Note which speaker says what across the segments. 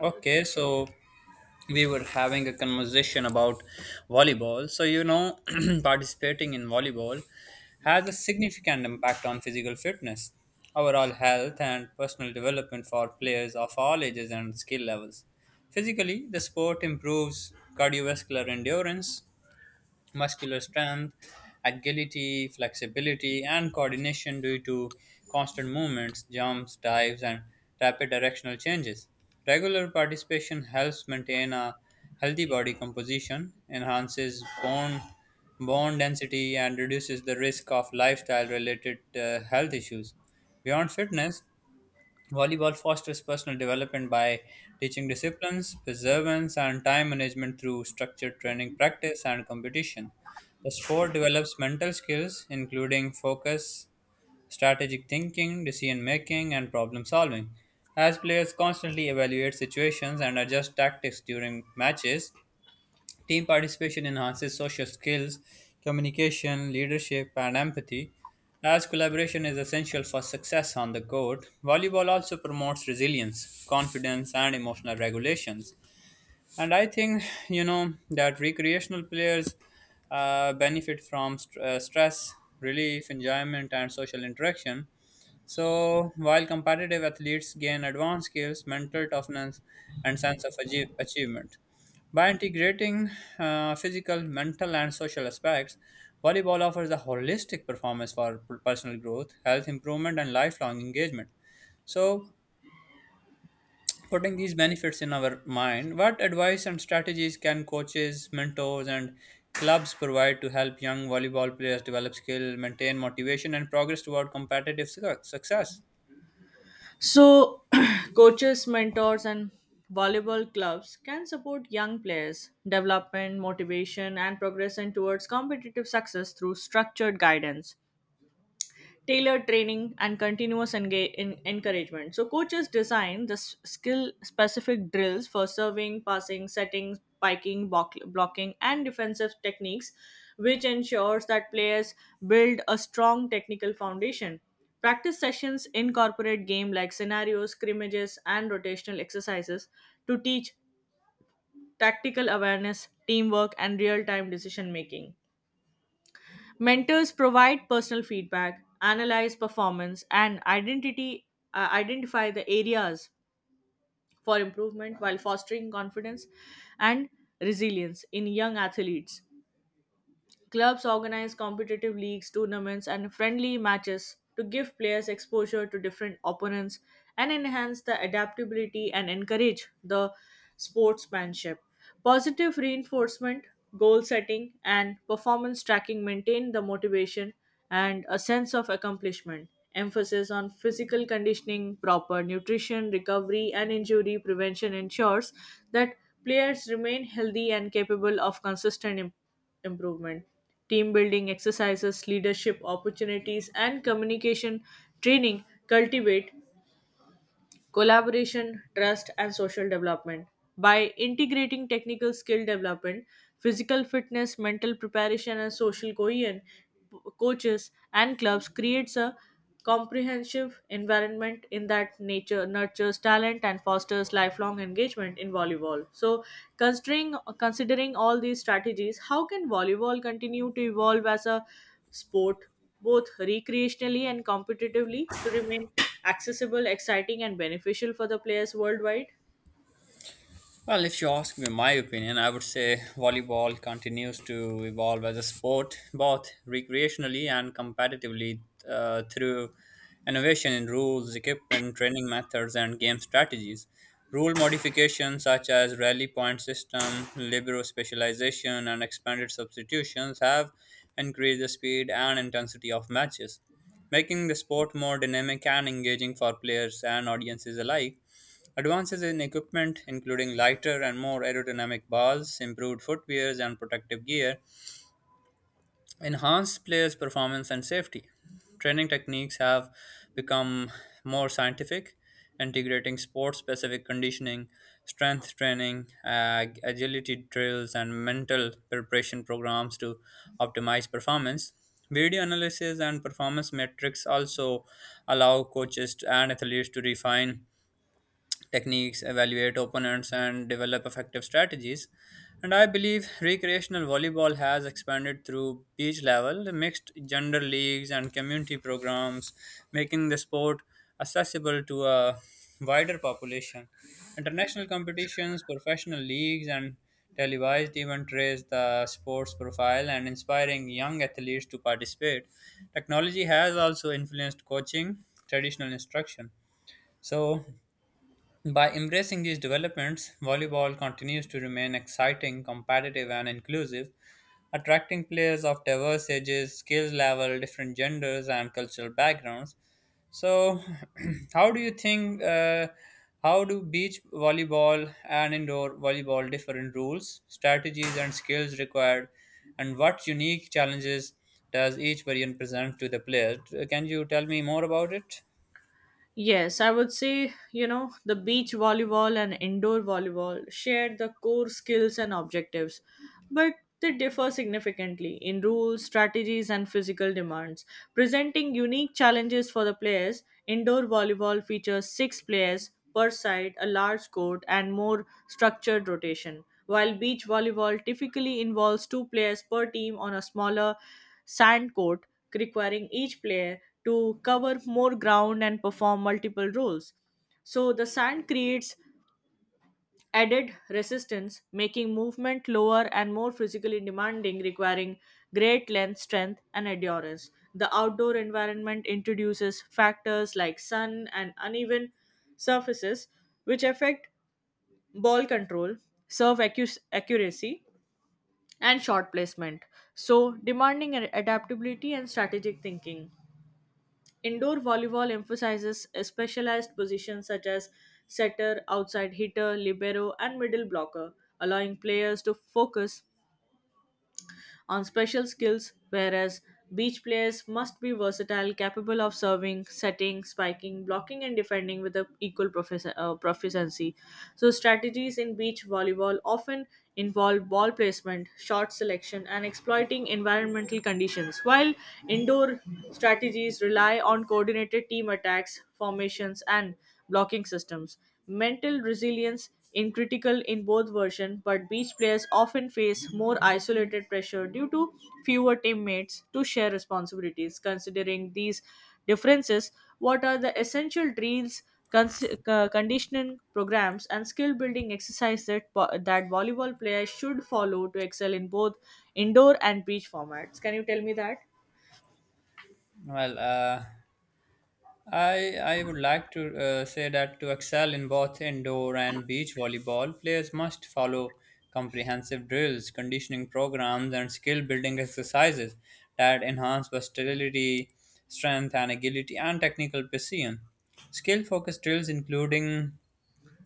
Speaker 1: Okay, so we were having a conversation about volleyball. So, participating in volleyball has a significant impact on physical fitness, overall health, and personal development for players of all ages and skill levels. Physically, the sport improves cardiovascular endurance, muscular strength, agility, flexibility, and coordination due to constant movements, jumps, dives, and rapid directional changes. Regular participation helps maintain a healthy body composition, enhances bone density, and reduces the risk of lifestyle related health issues. Beyond fitness, volleyball fosters personal development by teaching disciplines, perseverance, and time management through structured training, practice, and competition. The sport develops mental skills, including focus, strategic thinking, decision making, and problem solving, as players constantly evaluate situations and adjust tactics during matches. Team participation enhances social skills, communication, leadership, and empathy, as collaboration is essential for success on the court. Volleyball also promotes resilience, confidence, and emotional regulations. And I think, that recreational players benefit from stress, relief, enjoyment, and social interaction, so while competitive athletes gain advanced skills, mental toughness, and sense of achievement. By integrating physical, mental, and social aspects, volleyball offers a holistic performance for personal growth, health improvement, and lifelong engagement. So, putting these benefits in our mind, what advice and strategies can coaches, mentors, and clubs provide to help young volleyball players develop skill, maintain motivation, and progress toward competitive success?
Speaker 2: So, coaches, mentors, and volleyball clubs can support young players' development, motivation, and progression towards competitive success through structured guidance tailored training and continuous encouragement. So coaches design the skill specific drills for serving, passing, setting, spiking, blocking and defensive techniques which ensures that players build a strong technical foundation. Practice sessions incorporate game like scenarios, scrimmages and rotational exercises to teach tactical awareness, teamwork and real-time decision making. Mentors provide personal feedback, analyze performance, and identity identify the areas for improvement while fostering confidence and resilience in young athletes. Clubs organize competitive leagues, tournaments, and friendly matches to give players exposure to different opponents and enhance the adaptability and encourage the sportsmanship. Positive reinforcement, goal setting, and performance tracking maintain the motivation and a sense of accomplishment. Emphasis on physical conditioning, proper nutrition, recovery, and injury prevention ensures that players remain healthy and capable of consistent improvement. Team building exercises, leadership opportunities, and communication training cultivate collaboration, trust, and social development. By integrating technical skill development, physical fitness, mental preparation, and social cohesion, coaches and clubs creates a comprehensive environment in that nature nurtures talent and fosters lifelong engagement in volleyball. So considering all these strategies, how can volleyball continue to evolve as a sport both recreationally and competitively to remain accessible, exciting, and beneficial for the players worldwide?
Speaker 1: Well, if you ask me my opinion, I would say volleyball continues to evolve as a sport, both recreationally and competitively, through innovation in rules, equipment, training methods, and game strategies. Rule modifications such as rally point system, libero specialization, and expanded substitutions have increased the speed and intensity of matches, making the sport more dynamic and engaging for players and audiences alike. Advances in equipment, including lighter and more aerodynamic balls, improved footwears and protective gear, enhanced players' performance and safety. Training techniques have become more scientific, integrating sport specific conditioning, strength training, agility drills, and mental preparation programs to optimize performance. Video analysis and performance metrics also allow coaches and athletes to refine techniques, evaluate opponents, and develop effective strategies. And I believe recreational volleyball has expanded through beach level, mixed gender leagues, and community programs, making the sport accessible to a wider population. International competitions, professional leagues, and televised events raise the sport's profile and inspiring young athletes to participate. Technology has also influenced coaching, traditional instruction. So, by embracing these developments, volleyball continues to remain exciting, competitive, and inclusive, attracting players of diverse ages, skill level, different genders, and cultural backgrounds. So, how do you think? How do beach volleyball and indoor volleyball differ in rules, strategies, and skills required, and what unique challenges does each variant present to the player? Can you tell me more about it?
Speaker 2: Yes, I would say, you know, the beach volleyball and indoor volleyball share the core skills and objectives, but they differ significantly in rules, strategies, and physical demands, presenting unique challenges for the players. Indoor volleyball features six players per side, a large court, and more structured rotation, while beach volleyball typically involves two players per team on a smaller sand court requiring each player to cover more ground and perform multiple roles. So the sand creates added resistance, making movement lower and more physically demanding, requiring great length, strength, and endurance. The outdoor environment introduces factors like sun and uneven surfaces, which affect ball control, serve accuracy, and shot placement. So, demanding adaptability and strategic thinking. Indoor volleyball emphasizes specialized positions such as setter, outside hitter, libero, and middle blocker, allowing players to focus on special skills, whereas beach players must be versatile, capable of serving, setting, spiking, blocking, and defending with a equal proficiency. So, strategies in beach volleyball often involve ball placement, shot selection, and exploiting environmental conditions, while indoor strategies rely on coordinated team attacks, formations, and blocking systems. Mental resilience in critical in both versions, but beach players often face more isolated pressure due to fewer teammates to share responsibilities. Considering these differences, what are the essential drills, conditioning programs, and skill building exercises that, that volleyball players should follow to excel in both indoor and beach formats? Can you tell me that?
Speaker 1: Well, I would like to say that to excel in both indoor and beach volleyball, players must follow comprehensive drills, conditioning programs, and skill building exercises that enhance versatility, strength, and agility, and technical precision. Skill focused drills, including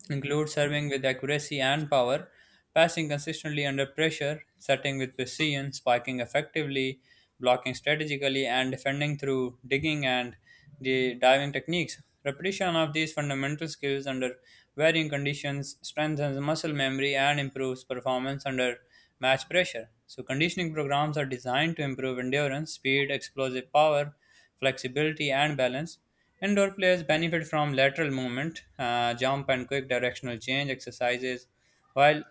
Speaker 1: include serving with accuracy and power, passing consistently under pressure, setting with precision, spiking effectively, blocking strategically, and defending through digging and the diving techniques. Repetition of these fundamental skills under varying conditions strengthens muscle memory and improves performance under match pressure. So, conditioning programs are designed to improve endurance, speed, explosive power, flexibility, and balance. Indoor players benefit from lateral movement, jump, and quick directional change exercises, while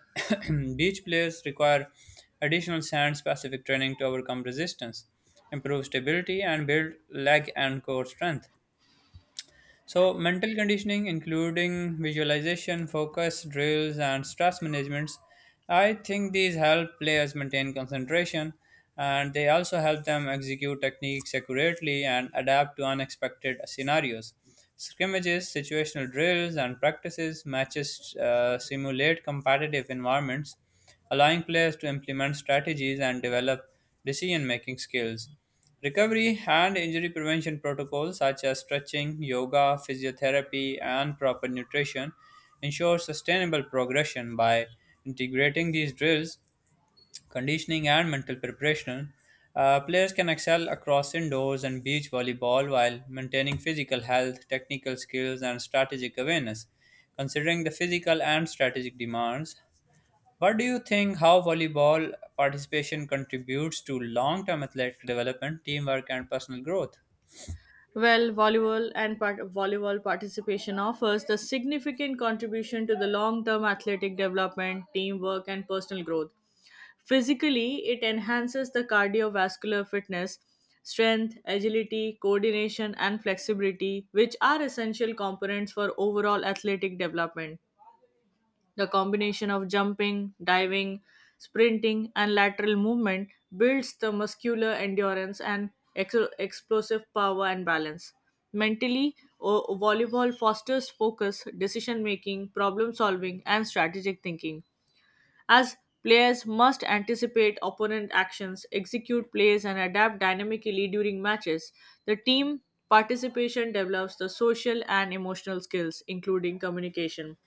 Speaker 1: beach players require additional sand specific training to overcome resistance, improve stability, and build leg and core strength. So, mental conditioning, including visualization, focus, drills, and stress managements, I think these help players maintain concentration, and they also help them execute techniques accurately and adapt to unexpected scenarios. Scrimmages, situational drills, and practices matches simulate competitive environments, allowing players to implement strategies and develop decision making skills. Recovery and injury prevention protocols such as stretching, yoga, physiotherapy, and proper nutrition ensure sustainable progression by integrating these drills, conditioning, and mental preparation. Players can excel across indoors and beach volleyball while maintaining physical health, technical skills, and strategic awareness. Considering the physical and strategic demands, what do you think how volleyball participation contributes to long-term athletic development, teamwork, and personal growth?
Speaker 2: Well, volleyball participation offers the significant contribution to the long-term athletic development, teamwork, and personal growth. Physically, it enhances the cardiovascular fitness, strength, agility, coordination, and flexibility, which are essential components for overall athletic development. The combination of jumping, diving, sprinting, and lateral movement builds the muscular endurance and explosive power and balance. Mentally, volleyball fosters focus, decision making, problem solving, and strategic thinking. As players must anticipate opponent actions, execute plays, and adapt dynamically during matches, the team participation develops the social and emotional skills, including communication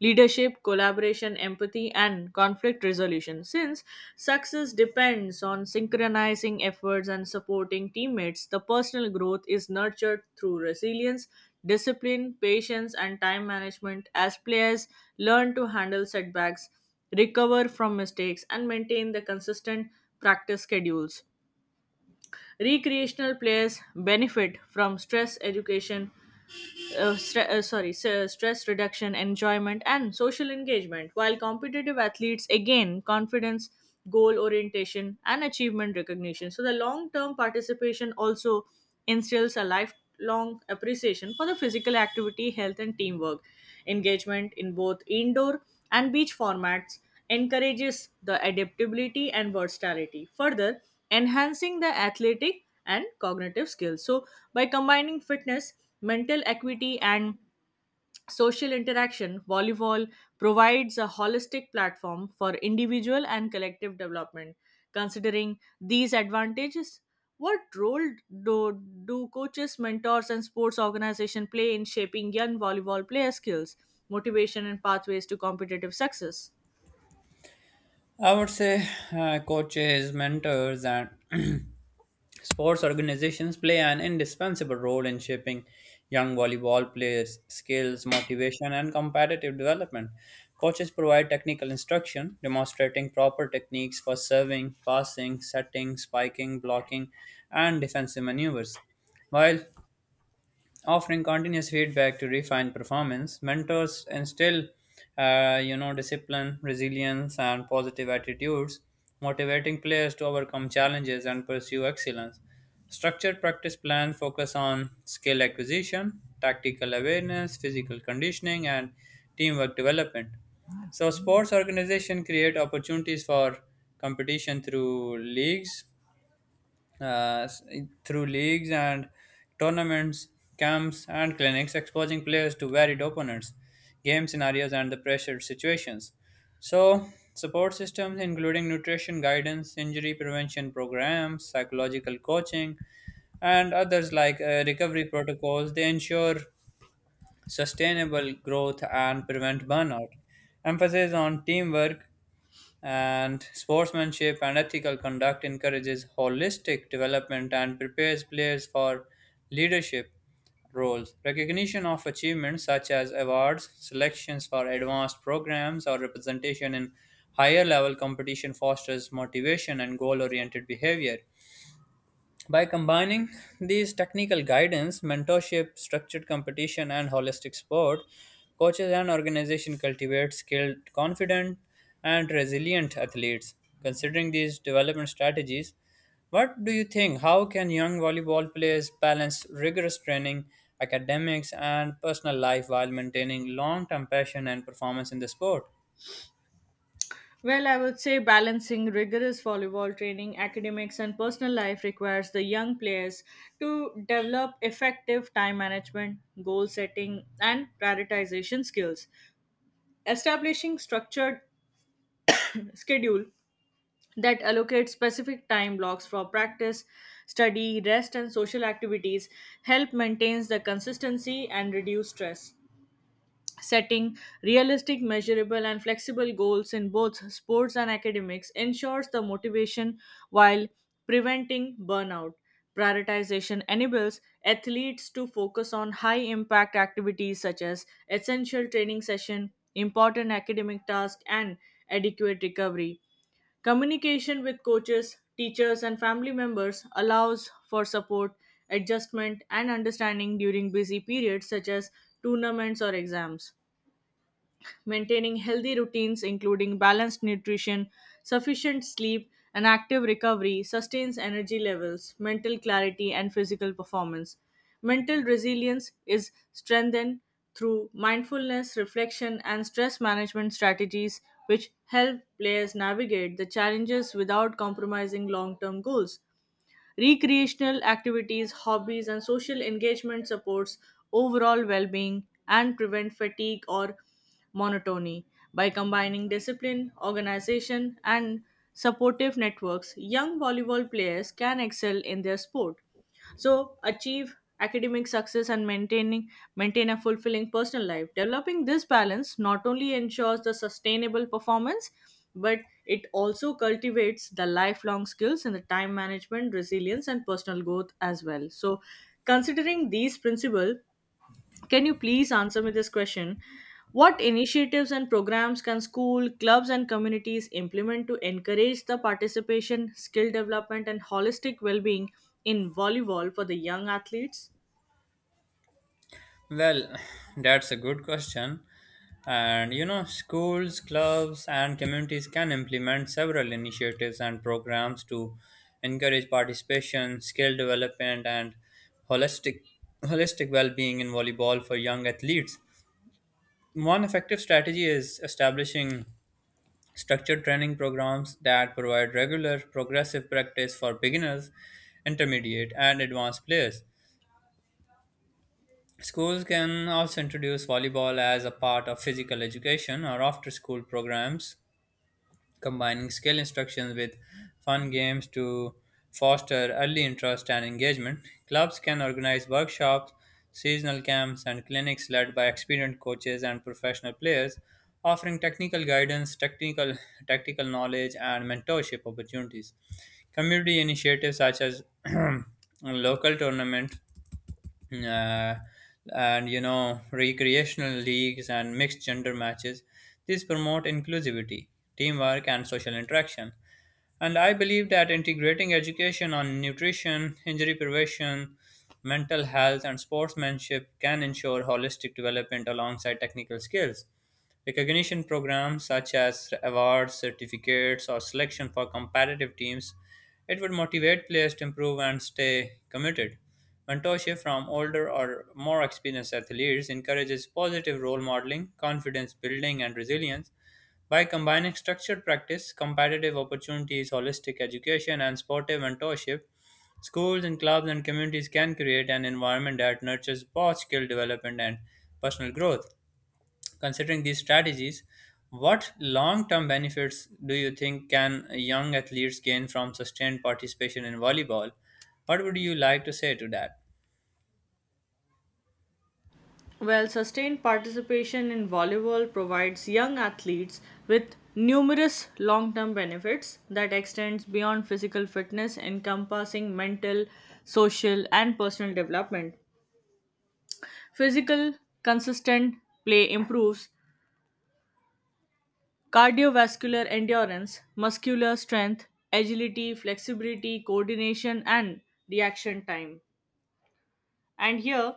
Speaker 2: leadership, collaboration, empathy, and conflict resolution. Since success depends on synchronizing efforts and supporting teammates, the personal growth is nurtured through resilience, discipline, patience, and time management as players learn to handle setbacks, recover from mistakes, and maintain the consistent practice schedules. Recreational players benefit from stress education stre- sorry, s- stress reduction, enjoyment, and social engagement, while competitive athletes again confidence, goal orientation, and achievement recognition. So the long term participation also instills a lifelong appreciation for the physical activity, health, and teamwork. Engagement in both indoor and beach formats encourages the adaptability and versatility, further enhancing the athletic and cognitive skills. So, by combining fitness, mental equity, and social interaction, volleyball provides a holistic platform for individual and collective development. Considering these advantages, what role do coaches, mentors, and sports organization play in shaping young volleyball player skills, motivation, and pathways to competitive success?
Speaker 1: I would say coaches, mentors, and sports organizations play an indispensable role in shaping young volleyball players' skills, motivation, and competitive development. Coaches provide technical instruction, demonstrating proper techniques for serving, passing, setting, spiking, blocking, and defensive maneuvers, while offering continuous feedback to refine performance. Mentors instill, discipline, resilience, and positive attitudes, motivating players to overcome challenges and pursue excellence. Structured practice plans focus on skill acquisition, tactical awareness, physical conditioning, and teamwork development. So sports organization create opportunities for competition uh, through leagues and tournaments, camps, and clinics, exposing players to varied opponents, game scenarios, and the pressure situations. So, support systems including nutrition guidance, injury prevention programs, psychological coaching, and others like recovery protocols, they ensure sustainable growth and prevent burnout. Emphasis on teamwork and sportsmanship and ethical conduct encourages holistic development and prepares players for leadership roles. Recognition of achievements such as awards, selections for advanced programs, or representation in higher level competition fosters motivation and goal oriented behavior. By combining these technical guidance, mentorship, structured competition, and holistic sport, coaches and organization cultivate skilled, confident, and resilient athletes. Considering these development strategies, what do you think? How can young volleyball players balance rigorous training, academics, and personal life while maintaining long term passion and performance in the sport?
Speaker 2: Well, I would say balancing rigorous volleyball training, academics, and personal life requires the young players to develop effective time management, goal setting, and prioritization skills. Establishing structured schedule that allocates specific time blocks for practice, study, rest, and social activities help maintains the consistency and reduce stress. Setting realistic, measurable, and flexible goals in both sports and academics ensures the motivation while preventing burnout. Prioritization enables athletes to focus on high impact activities such as essential training session, important academic tasks, and adequate recovery. Communication with coaches, teachers, and family members allows for support, adjustment, and understanding during busy periods such as tournaments or exams maintaining healthy routines, including balanced nutrition, sufficient sleep, and active recovery, sustains energy levels, mental clarity, and physical performance. Mental resilience is strengthened through mindfulness, reflection, and stress management strategies, which help players navigate the challenges without compromising long term goals. Recreational activities, hobbies, and social engagement supports overall well-being and prevent fatigue or monotony. By combining discipline, organization, and supportive networks, young volleyball players can excel in their sport so achieve academic success and maintain a fulfilling personal life developing this balance not only ensures the sustainable performance, but it also cultivates the lifelong skills in the time management resilience and personal growth as well. So considering these principles, can you please answer me this question? What initiatives and programs can school, clubs, and communities implement to encourage the participation, skill development, and holistic well being in volleyball for the young athletes?
Speaker 1: Well, that's a good question. And schools, clubs, and communities can implement several initiatives and programs to encourage participation, skill development, and holistic holistic well-being in volleyball for young athletes. One effective strategy is establishing structured training programs that provide regular progressive practice for beginners, intermediate, and advanced players. Schools can also introduce volleyball as a part of physical education or after school programs, combining skill instructions with fun games to foster early interest and engagement. Clubs can organize workshops, seasonal camps, and clinics led by experienced coaches and professional players, offering technical guidance, technical tactical knowledge, and mentorship opportunities. Community initiatives such as local tournaments uh, and recreational leagues and mixed gender matches, these promote inclusivity, teamwork, and social interaction. And I believe that integrating education on nutrition, injury prevention, mental health, and sportsmanship can ensure holistic development alongside technical skills. Recognition programs such as awards, certificates, or selection for competitive teams, it would motivate players to improve and stay committed. Mentorship from older or more experienced athletes encourages positive role modeling, confidence building, and resilience. By combining structured practice, competitive opportunities, holistic education, and sportive mentorship, schools and clubs and communities can create an environment that nurtures both skill development and personal growth. Considering these strategies, what long term benefits do you think can young athletes gain from sustained participation in volleyball? What would you like to say to that?
Speaker 2: Well, sustained participation in volleyball provides young athletes with numerous long-term benefits that extends beyond physical fitness encompassing mental, social and personal development. Physical consistent play improves cardiovascular endurance, muscular strength, agility, flexibility, coordination, and reaction time. And here,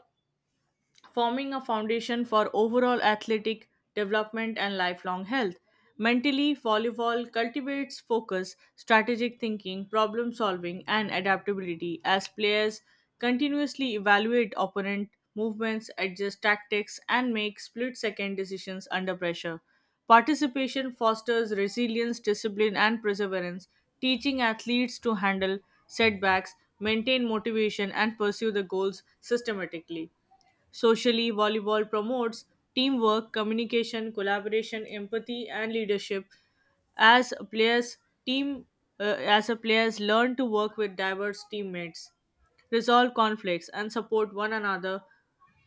Speaker 2: forming a foundation for overall athletic development and lifelong health. Mentally, volleyball cultivates focus, strategic thinking, problem solving, and adaptability as players continuously evaluate opponent movements, adjust tactics, and make split second decisions under pressure. Participation fosters resilience, discipline, and perseverance, teaching athletes to handle setbacks, maintain motivation, and pursue the goals systematically. Socially, volleyball promotes teamwork, communication, collaboration, empathy, and leadership. As players team, as a players learn to work with diverse teammates, resolve conflicts, and support one another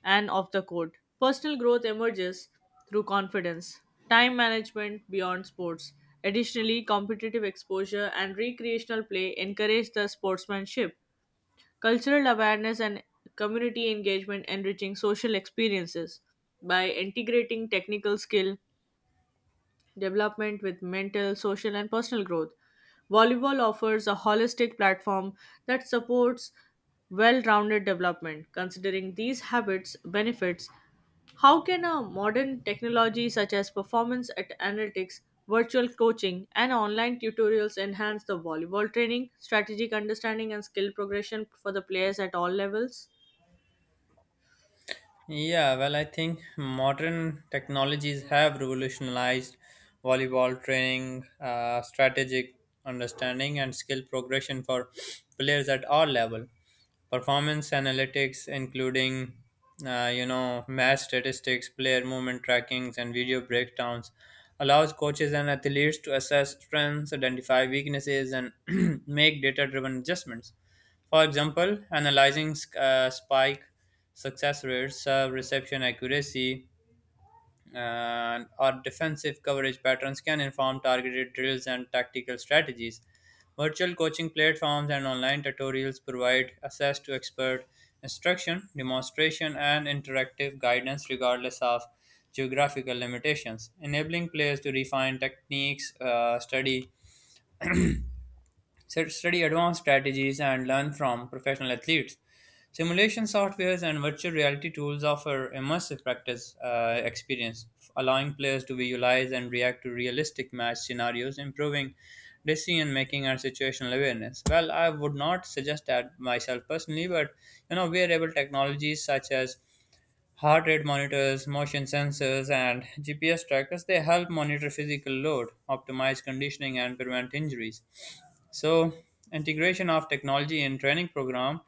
Speaker 2: and off the court. Personal growth emerges through confidence, time management beyond sports. Additionally, competitive exposure and recreational play encourage the sportsmanship cultural awareness and community engagement enriching social experiences by integrating technical skill development with mental, social, and personal growth. Volleyball offers a holistic platform that supports well rounded development. Considering these habits, benefits, how can a modern technology such as performance at analytics, virtual coaching, and online tutorials enhance the volleyball training, strategic understanding, and skill progression for the players at all levels?
Speaker 1: Yeah, well, I think modern technologies have revolutionized volleyball training, strategic understanding, and skill progression for players at all level. Performance analytics, including match statistics, player movement trackings, and video breakdowns, allows coaches and athletes to assess strengths, identify weaknesses, and make data-driven adjustments. For example, analyzing spike success rates, serve reception accuracy, and or defensive coverage patterns can inform targeted drills and tactical strategies. Virtual coaching platforms and online tutorials provide access to expert instruction, demonstration, and interactive guidance regardless of geographical limitations, enabling players to refine techniques, study advanced strategies, and learn from professional athletes. Simulation softwares and virtual reality tools offer immersive practice experience, allowing players to visualize and react to realistic match scenarios, improving decision making and situational awareness. Well, I would not suggest that myself personally, but wearable technologies such as heart rate monitors, motion sensors, and GPS trackers they help monitor physical load, optimize conditioning, and prevent injuries. So, integration of technology in training program,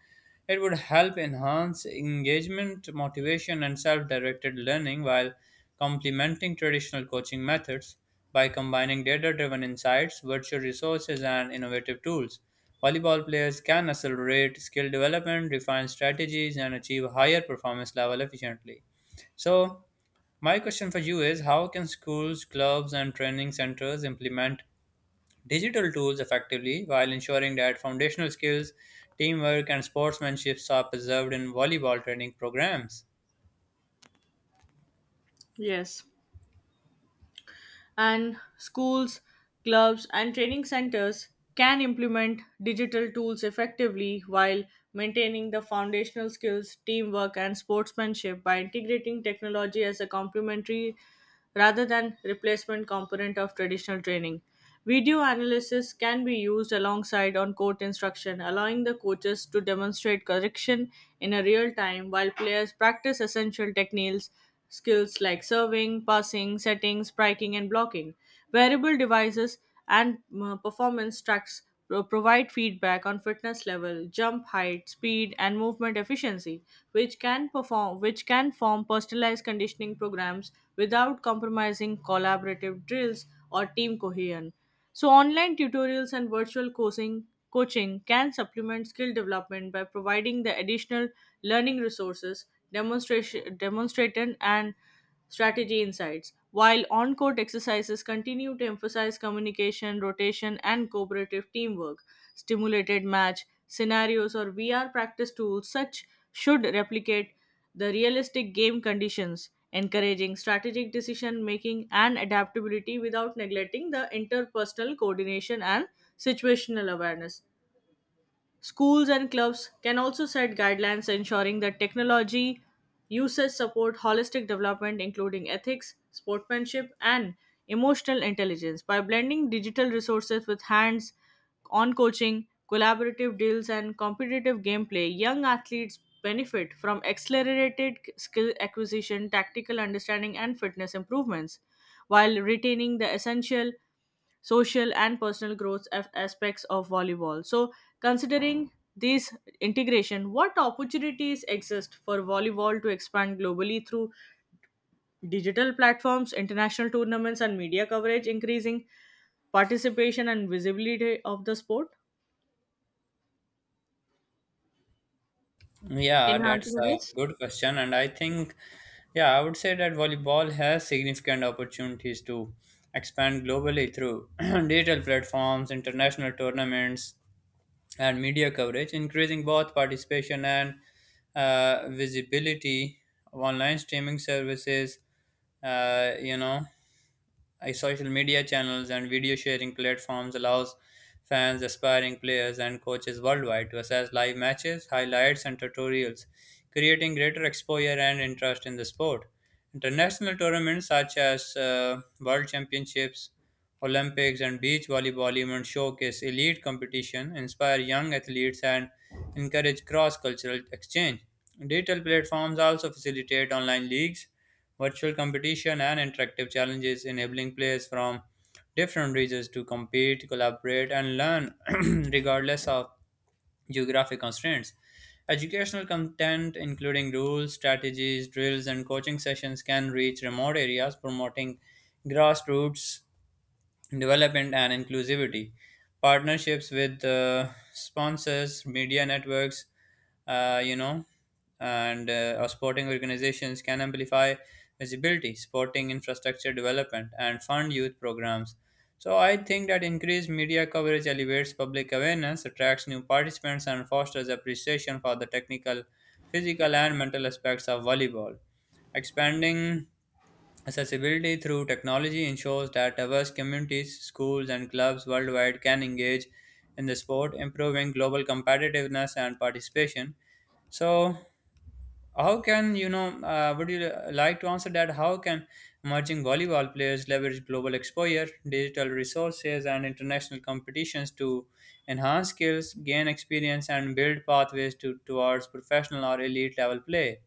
Speaker 1: it would help enhance engagement, motivation, and self-directed learning while complementing traditional coaching methods by combining data-driven insights, virtual resources, and innovative tools. Volleyball players can accelerate skill development, refine strategies, and achieve higher performance level efficiently. So, my question for you is how can schools, clubs, and training centers implement digital tools effectively while ensuring that foundational skills, teamwork, and sportsmanship are preserved in volleyball training programs?
Speaker 2: Yes, and schools, clubs, and training centers can implement digital tools effectively while maintaining the foundational skills, teamwork, and sportsmanship by integrating technology as a complementary rather than replacement component of traditional training. Video analysis can be used alongside on court instruction, allowing the coaches to demonstrate correction in a real time while players practice essential techniques, skills like serving, passing, setting, striking, and blocking. Wearable devices and performance tracks provide feedback on fitness level, jump height, speed, and movement efficiency, which can form personalized conditioning programs without compromising collaborative drills or team cohesion. So online tutorials and virtual coaching can supplement skill development by providing the additional learning resources, demonstration and strategy insights. While on court exercises continue to emphasize communication, rotation, and cooperative teamwork, stimulated match scenarios, or VR practice tools, such should replicate the realistic game conditions, encouraging strategic decision making and adaptability without neglecting the interpersonal coordination and situational awareness. Schools and clubs can also set guidelines ensuring that technology uses support holistic development, including ethics, sportsmanship, and emotional intelligence. By blending digital resources with hands on coaching, collaborative deals, and competitive gameplay, young athletes benefit from accelerated skill acquisition, tactical understanding, and fitness improvements while retaining the essential social and personal growth aspects of volleyball. So, considering this integration, what opportunities exist for volleyball to expand globally through digital platforms, international tournaments, and media coverage, increasing participation and visibility of the sport?
Speaker 1: Yeah,
Speaker 2: Can you
Speaker 1: that's
Speaker 2: answer
Speaker 1: a
Speaker 2: this?
Speaker 1: good question. And I think, yeah, I would say that volleyball has significant opportunities to expand globally through digital platforms, international tournaments, and media coverage, increasing both participation and visibility. Online streaming services, uh, you know, social media channels and video sharing platforms allows fans, aspiring players, and coaches worldwide to assess live matches, highlights, and tutorials, creating greater exposure and interest in the sport. International tournaments such as World Championships, Olympics, and beach volleyball events showcase elite competition, inspire young athletes, and encourage cross-cultural exchange. Digital platforms also facilitate online leagues, virtual competition, and interactive challenges enabling players from different regions to compete, collaborate, and learn regardless of geographic constraints. Educational content, including rules, strategies, drills, and coaching sessions, can reach remote areas, promoting grassroots development and inclusivity. Partnerships with sponsors, media networks, you know and or sporting organizations can amplify visibility, sporting infrastructure development, and fund youth programs. So I think that increased media coverage elevates public awareness, attracts new participants, and fosters appreciation for the technical, physical, and mental aspects of volleyball, expanding accessibility through technology, ensures that diverse communities, schools, and clubs worldwide can engage in the sport, improving global competitiveness and participation. So, how can you know? Would you like to answer that? How can emerging volleyball players leverage global exposure, digital resources, and international competitions to enhance skills, gain experience, and build pathways towards professional or elite level play?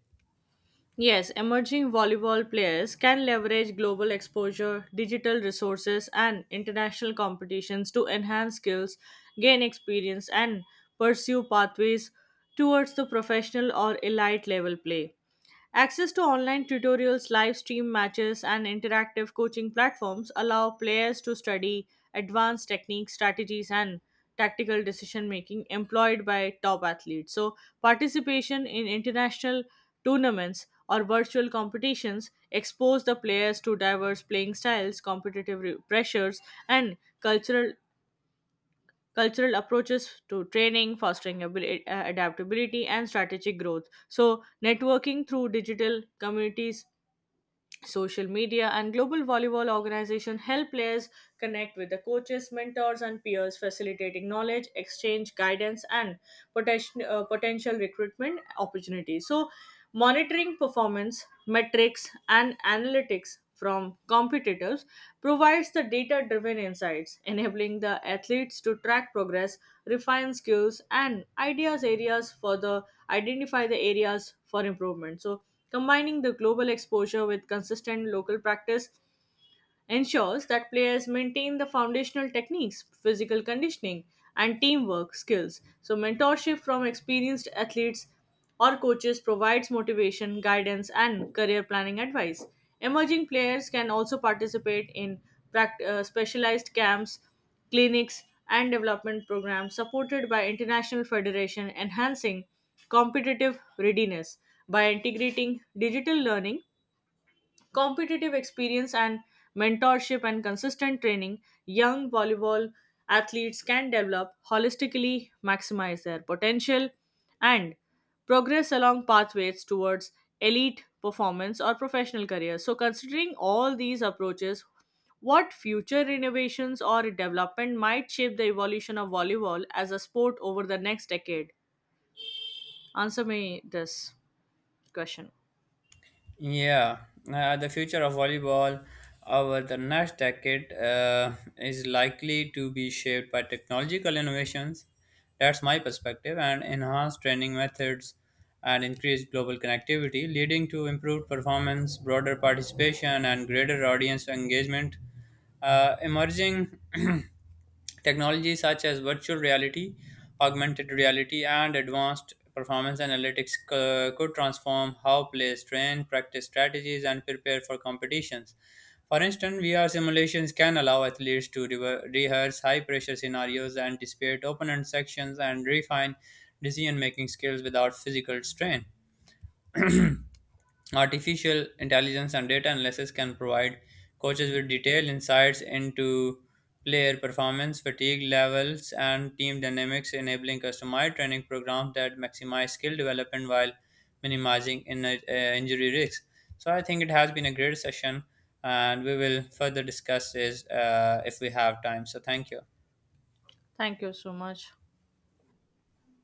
Speaker 2: Yes, emerging volleyball players can leverage global exposure, digital resources, and international competitions to enhance skills, gain experience, and pursue pathways towards the professional or elite level play. Access to online tutorials, live stream matches, and interactive coaching platforms allow players to study advanced techniques, strategies, and tactical decision making employed by top athletes. So, participation in international tournaments or virtual competitions expose the players to diverse playing styles, competitive pressures, and cultural approaches to training, fostering adaptability, and strategic growth. So, networking through digital communities, social media, and global volleyball organization help players connect with the coaches, mentors, and peers, facilitating knowledge exchange, guidance, and potential recruitment opportunities. So, monitoring performance metrics and analytics from competitors provides the data driven insights, enabling the athletes to track progress, refine skills, and ideas areas for the identify the areas for improvement. So combining the global exposure with consistent local practice ensures that players maintain the foundational techniques, physical conditioning, and teamwork skills. So, mentorship from experienced athletes or coaches provides motivation, guidance, and career planning advice. Emerging players can also participate in specialized camps, clinics, and development programs supported by international federation enhancing competitive readiness by integrating digital learning competitive experience and mentorship and consistent training, young volleyball athletes can develop holistically, maximize their potential, and progress along pathways towards elite performance or professional careers. So, considering all these approaches, what future innovations or development might shape the evolution of volleyball as a sport over the next decade? Answer me this question.
Speaker 1: Yeah, the future of volleyball over the next decade is likely to be shaped by technological innovations. That's my perspective, and enhanced training methods and increased global connectivity, leading to improved performance, broader participation, and greater audience engagement. Emerging technologies such as virtual reality, augmented reality, and advanced performance analytics could transform how players train, practice strategies, and prepare for competitions. For instance, VR simulations can allow athletes to rehearse high pressure scenarios, anticipate opponent sections, and refine decision making skills without physical strain. Artificial intelligence and data analysis can provide coaches with detailed insights into player performance, fatigue levels, and team dynamics, enabling customized training programs that maximize skill development while minimizing injury risks. So, I think it has been a great session, and we will further discuss this if we have time. So, thank you.
Speaker 2: Thank you so much.